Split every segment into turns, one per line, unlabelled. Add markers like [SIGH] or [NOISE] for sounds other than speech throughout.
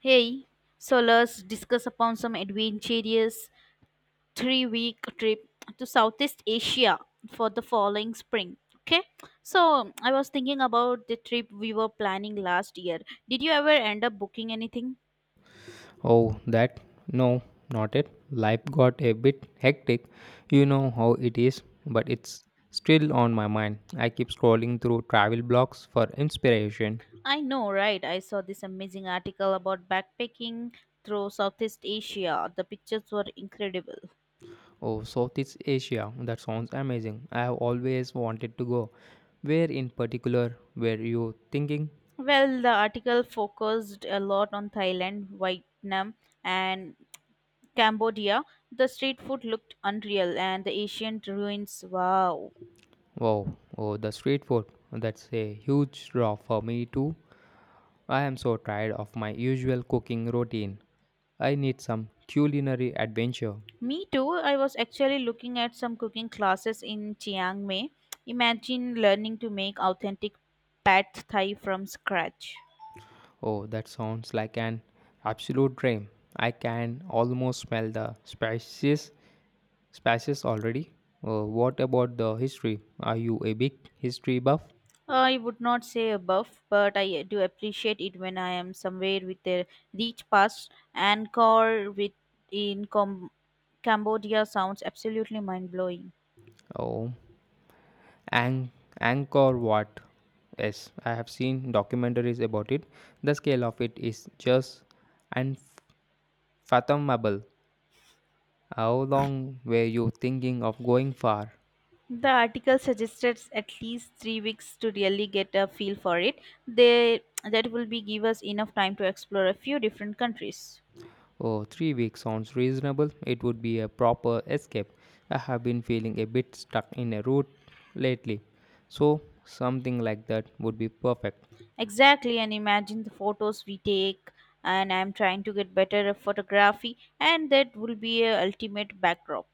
Hey, so let's discuss upon some adventurous 3-week trip to Southeast Asia for the following spring. Okay, so I was thinking about the trip we were planning last year. Did you ever end up booking anything?
Oh, that? No, not it. Life got a bit hectic. You know how it is, but it's still on my mind. I keep scrolling through travel blogs for inspiration.
I know, right? I saw this amazing article about backpacking through Southeast Asia. The pictures were incredible.
Oh, Southeast Asia. That sounds amazing. I have always wanted to go. Where in particular were you thinking?
Well, the article focused a lot on Thailand, Vietnam, and Cambodia. The street food looked unreal and the ancient ruins. Wow.
Wow, oh, the street food. That's a huge draw for me too. I am so tired of my usual cooking routine. I need some culinary adventure.
Me too. I was actually looking at some cooking classes in Chiang Mai. Imagine learning to make authentic pad thai from scratch.
Oh, that sounds like an absolute dream. I can almost smell the spices already. What about the history? Are you a big history buff?
I would not say a buff, but I do appreciate it when I am somewhere with a rich past. Angkor with in Cambodia sounds absolutely mind blowing.
Oh, Ang- Angkor Wat. Yes, I have seen documentaries about it. The scale of it is just unfathomable. How long were you thinking of going for?
The article suggested at least 3 weeks to really get a feel for it. They that will be give us enough time to explore a few different countries.
Oh, 3 weeks sounds reasonable. It would be a proper escape. I have been feeling a bit stuck in a rut lately. So, something like that would be perfect.
Exactly, and imagine the photos we take. And I'm trying to get better at photography, and that will be a ultimate backdrop.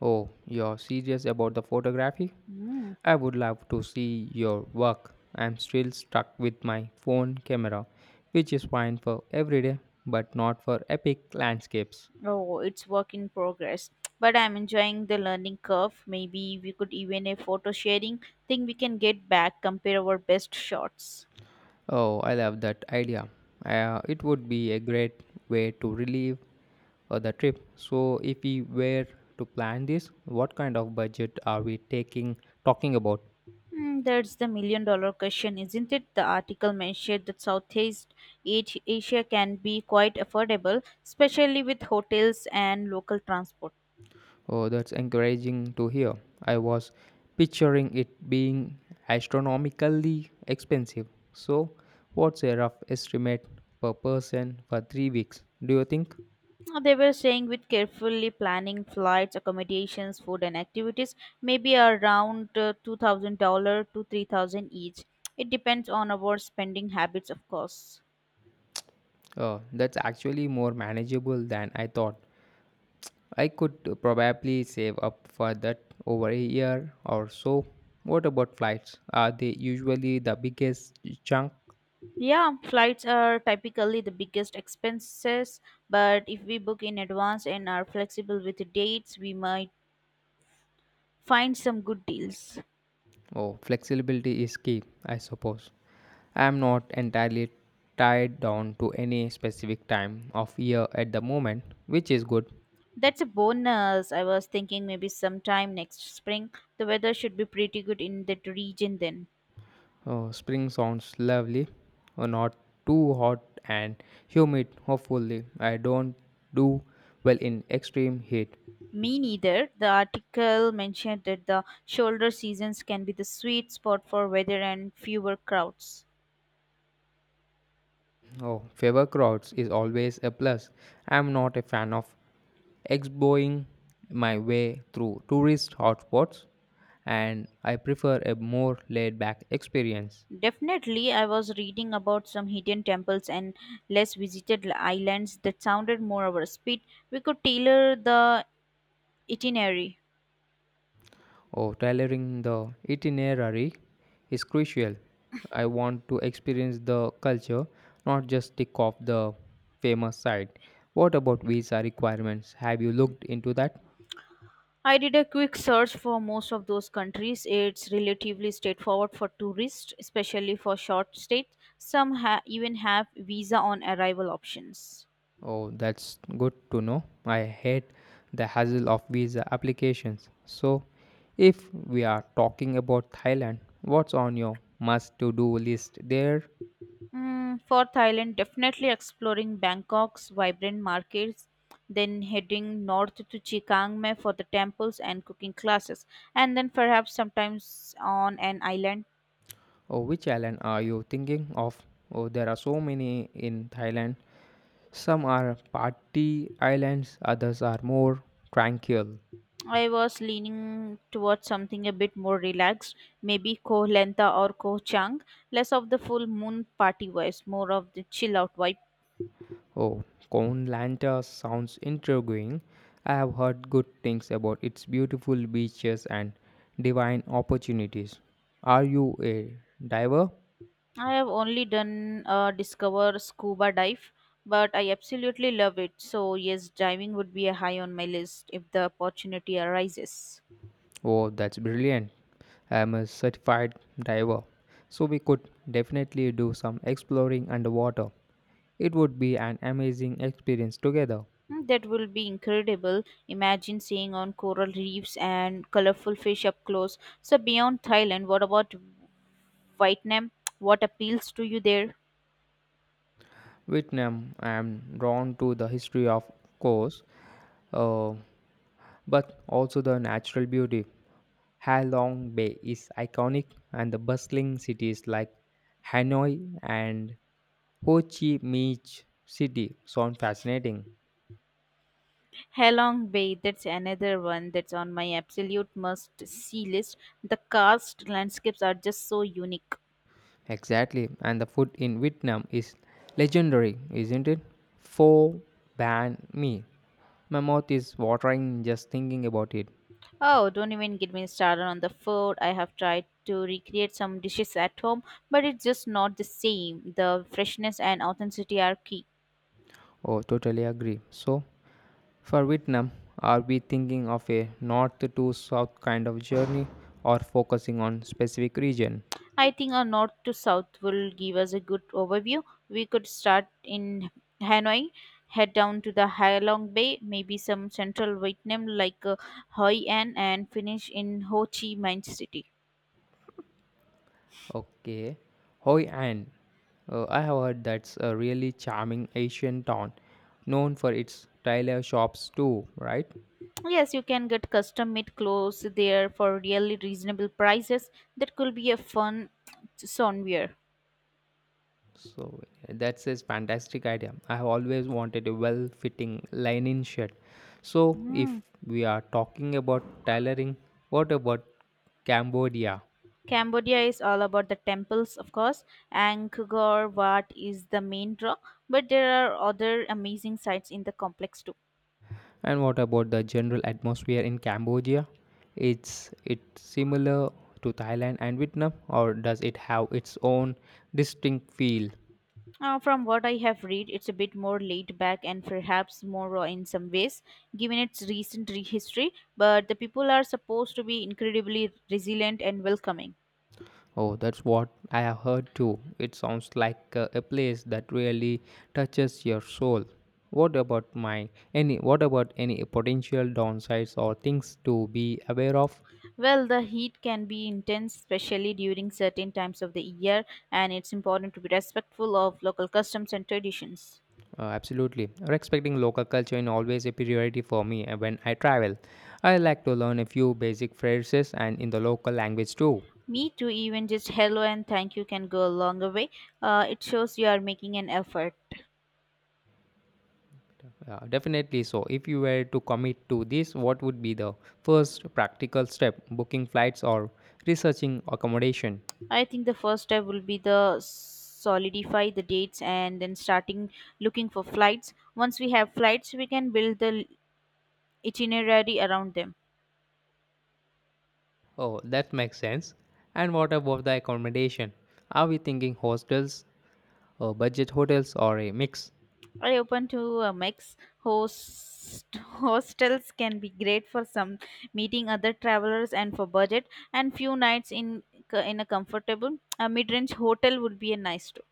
Oh, you're serious about the photography?
Mm.
I would love to see your work. I'm still stuck with my phone camera, which is fine for everyday but not for epic landscapes.
Oh, it's work in progress, but I'm enjoying the learning curve. Maybe we could even a photo sharing thing. We can get back compare our best shots.
Oh, I love that idea. It would be a great way to relieve the trip. So, if we were to plan this, what kind of budget are we taking talking about?
Hmm, that's the million dollar question, isn't it? The article mentioned that Southeast Asia can be quite affordable, especially with hotels and local transport.
Oh, that's encouraging to hear. I was picturing it being astronomically expensive. So, what's a rough estimate per person for 3 weeks? Do you think?
They were saying with carefully planning flights, accommodations, food, and activities, maybe around $2,000 to 3,000 each. It depends on our spending habits, of course.
That's actually more manageable than I thought. I could probably save up for that over a year or so. What about flights? Are they usually the biggest chunk?
Yeah, flights are typically the biggest expenses, but if we book in advance and are flexible with the dates, we might find some good deals.
Oh, flexibility is key, I suppose. I am not entirely tied down to any specific time of year at the moment, which is good.
That's a bonus. I was thinking maybe sometime next spring. The weather should be pretty good in that region then.
Oh, spring sounds lovely. Oh, not too hot and humid, hopefully. I don't do well in extreme heat.
Me neither. The article mentioned that the shoulder seasons can be the sweet spot for weather and fewer crowds.
Oh, favor crowds is always a plus. I'm not a fan of exboing my way through tourist hotspots, and I prefer a more laid back experience.
Definitely, I was reading about some hidden temples and less visited islands that sounded more our speed. We could tailor the itinerary.
Oh, tailoring the itinerary is crucial. I want to experience the culture, not just tick off the famous site. What about visa requirements? Have you looked into that?
I did a quick search for most of those countries. It's relatively straightforward for tourists, especially for short stays. Some even have visa on arrival options.
Oh, that's good to know. I hate the hassle of visa applications. So, if we are talking about Thailand, what's on your must to do list there?
Mm, for Thailand, definitely exploring Bangkok's vibrant markets, then heading north to Chiang Mai for the temples and cooking classes, and then perhaps sometimes on an island.
Or which island are you thinking of? Oh, there are so many in Thailand. Some are party islands, others are more tranquil.
I was leaning towards something a bit more relaxed, maybe Koh Lanta or Koh Chang, less of the full moon party vibes, more of the chill out vibe.
Oh, Koh Lanta sounds intriguing. I have heard good things about its beautiful beaches and divine opportunities. Are you a diver?
I have only done a discover scuba dive, but I absolutely love it. So yes, diving would be a high on my list if the opportunity arises.
Oh, that's brilliant. I am a certified diver. So we could definitely do some exploring underwater. It would be an amazing experience together.
Hmm, that will be incredible. Imagine seeing on coral reefs and colorful fish up close. So beyond Thailand, what about Vietnam? What appeals to you there?
Vietnam, I am drawn to the history of course, uh, but also the natural beauty. Halong Bay is iconic, and the bustling cities like Hanoi and Ho Chi Minh City sound fascinating.
Halong Bay, that's another one that's on my absolute must see list. The karst landscapes are just so unique.
Exactly, and the food in Vietnam is legendary, isn't it? Pho, Ban Mi. My mouth is watering just thinking about it.
Oh, don't even get me started on the food. I have tried to recreate some dishes at home, but it's just not the same. The freshness and authenticity are key.
Oh, totally agree. So, for Vietnam, are we thinking of a north to south kind of journey or focusing on specific region?
I think our north to south will give us a good overview. We could start in Hanoi, head down to the Halong Bay, maybe some central Vietnam like Hoi An, and finish in Ho Chi Minh City.
Okay. Hoi An. I have heard that's a really charming Asian town, known for its tailor shops too, right?
Yes, you can get custom made clothes there for really reasonable prices. That could be a fun somewhere.
So that's a fantastic idea. I have always wanted a well-fitting linen shirt. So
Hmm.
if we are talking about tailoring, what about Cambodia?
Cambodia is all about the temples, of course. Angkor Wat is the main draw, but there are other amazing sites in the complex too.
And what about the general atmosphere in Cambodia? It's similar to Thailand and Vietnam, or does it have its own distinct feel?
From what I have read, it's a bit more laid back and perhaps more raw in some ways, given its recent history. But the people are supposed to be incredibly resilient and welcoming.
Oh, that's what I have heard too. It sounds like a place that really touches your soul. What about my what about any potential downsides or things to be aware of?
Well, the heat can be intense, especially during certain times of the year, and it's important to be respectful of local customs and traditions.
Absolutely. Respecting local culture is always a priority for me when I travel. I like to learn a few basic phrases and in the local language too.
Me too, even just hello and thank you can go a long way. It shows you are making an effort.
Definitely so. If you were to commit to this, what would be the first practical step? Booking flights or researching accommodation?
I think the first step will be the solidify the dates and then starting looking for flights. Once we have flights, we can build the itinerary around them.
Oh, that makes sense. And what about the accommodation? Are we thinking hostels, or budget hotels, or a mix?
Are you open to a mix host [LAUGHS] hostels can be great for some meeting other travelers, and for budget and few nights in a comfortable a mid-range hotel would be a nice too.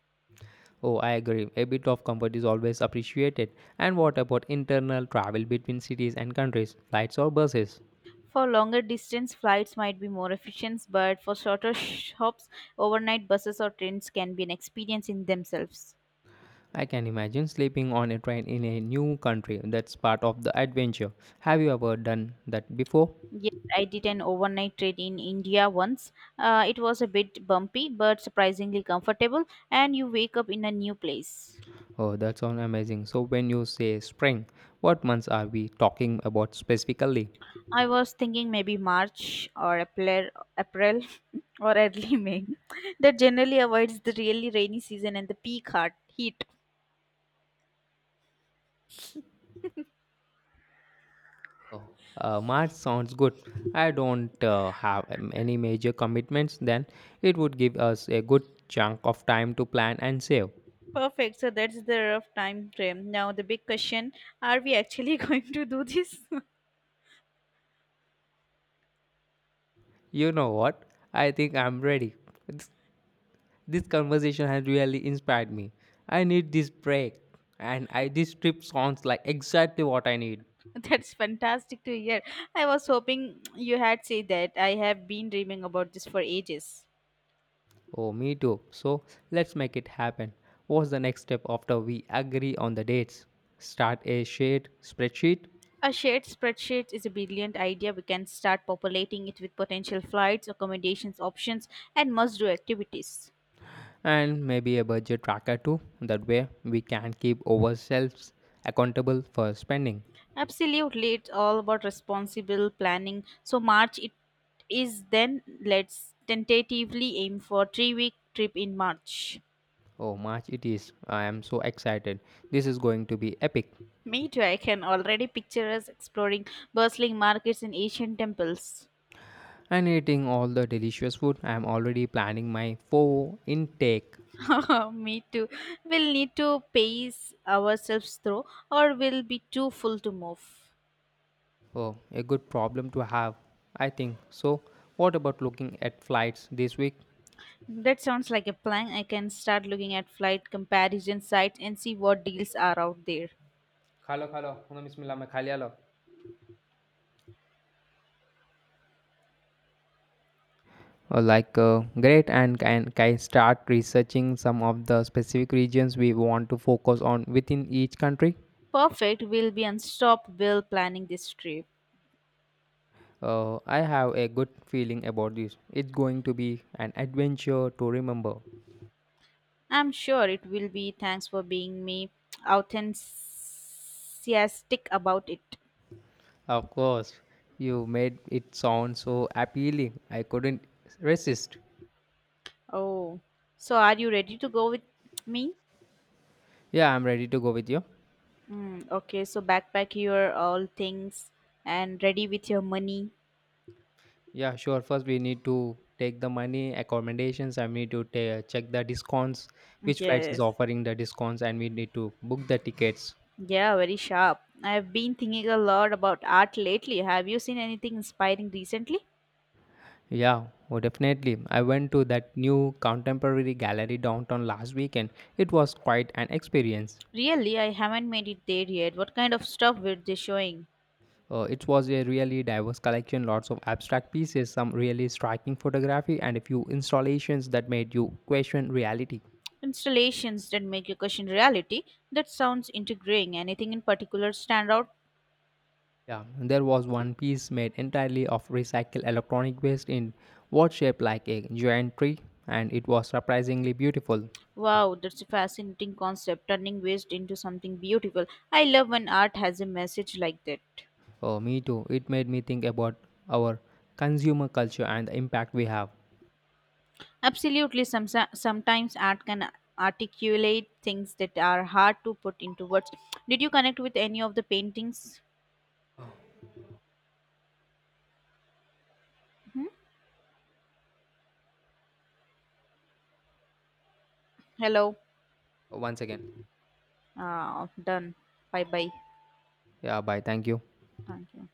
Oh, I agree. A bit of comfort is always appreciated. And what about internal travel between cities and countries, flights or buses?
For longer distance flights might be more efficient, but for shorter hops overnight buses or trains can be an experience in themselves.
I can imagine sleeping on a train in a new country. That's part of the adventure. Have you ever done that before?
Yes, I did an overnight trade in India once. It was a bit bumpy but surprisingly comfortable and you wake up in a new place.
Oh, that sounds amazing. So, when you say spring, what months are we talking about specifically?
I was thinking maybe March or April [LAUGHS] or early May. That generally avoids the really rainy season and the peak heart heat.
Oh, March sounds good. I don't have any major commitments, then it would give us a good chunk of time to plan and save.
Perfect. So that's the rough time frame. Now the big question: Are we actually [LAUGHS] going to do this?
You know what? I think I'm ready. This, this conversation has really inspired me. I need this break, and I this trip sounds like exactly what I need.
[LAUGHS] That's fantastic to hear. I was hoping you had said that. I have been dreaming about this for ages.
Oh, me too. So let's make it happen. What's the next step after we agree on the dates? Start a shared spreadsheet
A shared spreadsheet is a brilliant idea. We can start populating it with potential flights, accommodations options, and must do activities.
and maybe a budget tracker too. That way, we can keep ourselves accountable for spending.
Absolutely, it's all about responsible planning. So March it is then. Let's tentatively aim for 3-week trip in March.
Oh, March it is. I am so excited. This is going to be epic.
Me too. I can already picture us exploring bustling markets and ancient temples.
And eating all the delicious food, I am already planning my four intake.
[LAUGHS] Me too. We'll need to pace ourselves through, or we'll be too full to move.
Oh, a good problem to have, I think. So, what about looking at flights this week?
That sounds like a plan. I can start looking at flight comparison sites and see what deals are out there.
खा लो उन्होंने बिस्मिल्लाह मैं खा लिया लो। Like great, and can start researching some of the specific regions we want to focus on within each country.
Perfect. We'll be unstoppable planning this trip.
I have a good feeling about this. It's going to be an adventure to remember.
I'm sure it will be. Thanks for being me enthusiastic about it.
Of course, you made it sound so appealing, I couldn't resist.
Oh, so are you ready to go with me?
Yeah, I'm ready to go with you.
Mm, okay, so backpack your all things and ready with your money.
Yeah, sure. First we need to take the money, accommodations. I need to check the discounts, which flights is
Yes.
offering the discounts, and we need to book the tickets.
Yeah, very sharp. I've been thinking a lot about art lately. Have you seen anything inspiring recently?
Yeah, oh, definitely. I went to that new contemporary gallery downtown last weekend. It was quite an experience.
Really, I haven't made it there yet. What kind of stuff were they showing?
It was a really diverse collection, lots of abstract pieces, some really striking photography, and a few installations that made you question reality.
Installations that make your question reality. That sounds integrating. Anything in particular stand out?
Yeah, and there was one piece made entirely of recycled electronic waste in what shaped like a giant tree, and it was surprisingly beautiful.
Wow, that's a fascinating concept, turning waste into something beautiful. I love when art has a message like that.
Oh, me too. It made me think about our consumer culture and the impact we have.
Absolutely, sometimes art can articulate things that are hard to put into words. Did you connect with any of the paintings? Hmm? Hello.
Once again.
Done. Bye bye.
Yeah, bye. Thank you.
Thank you.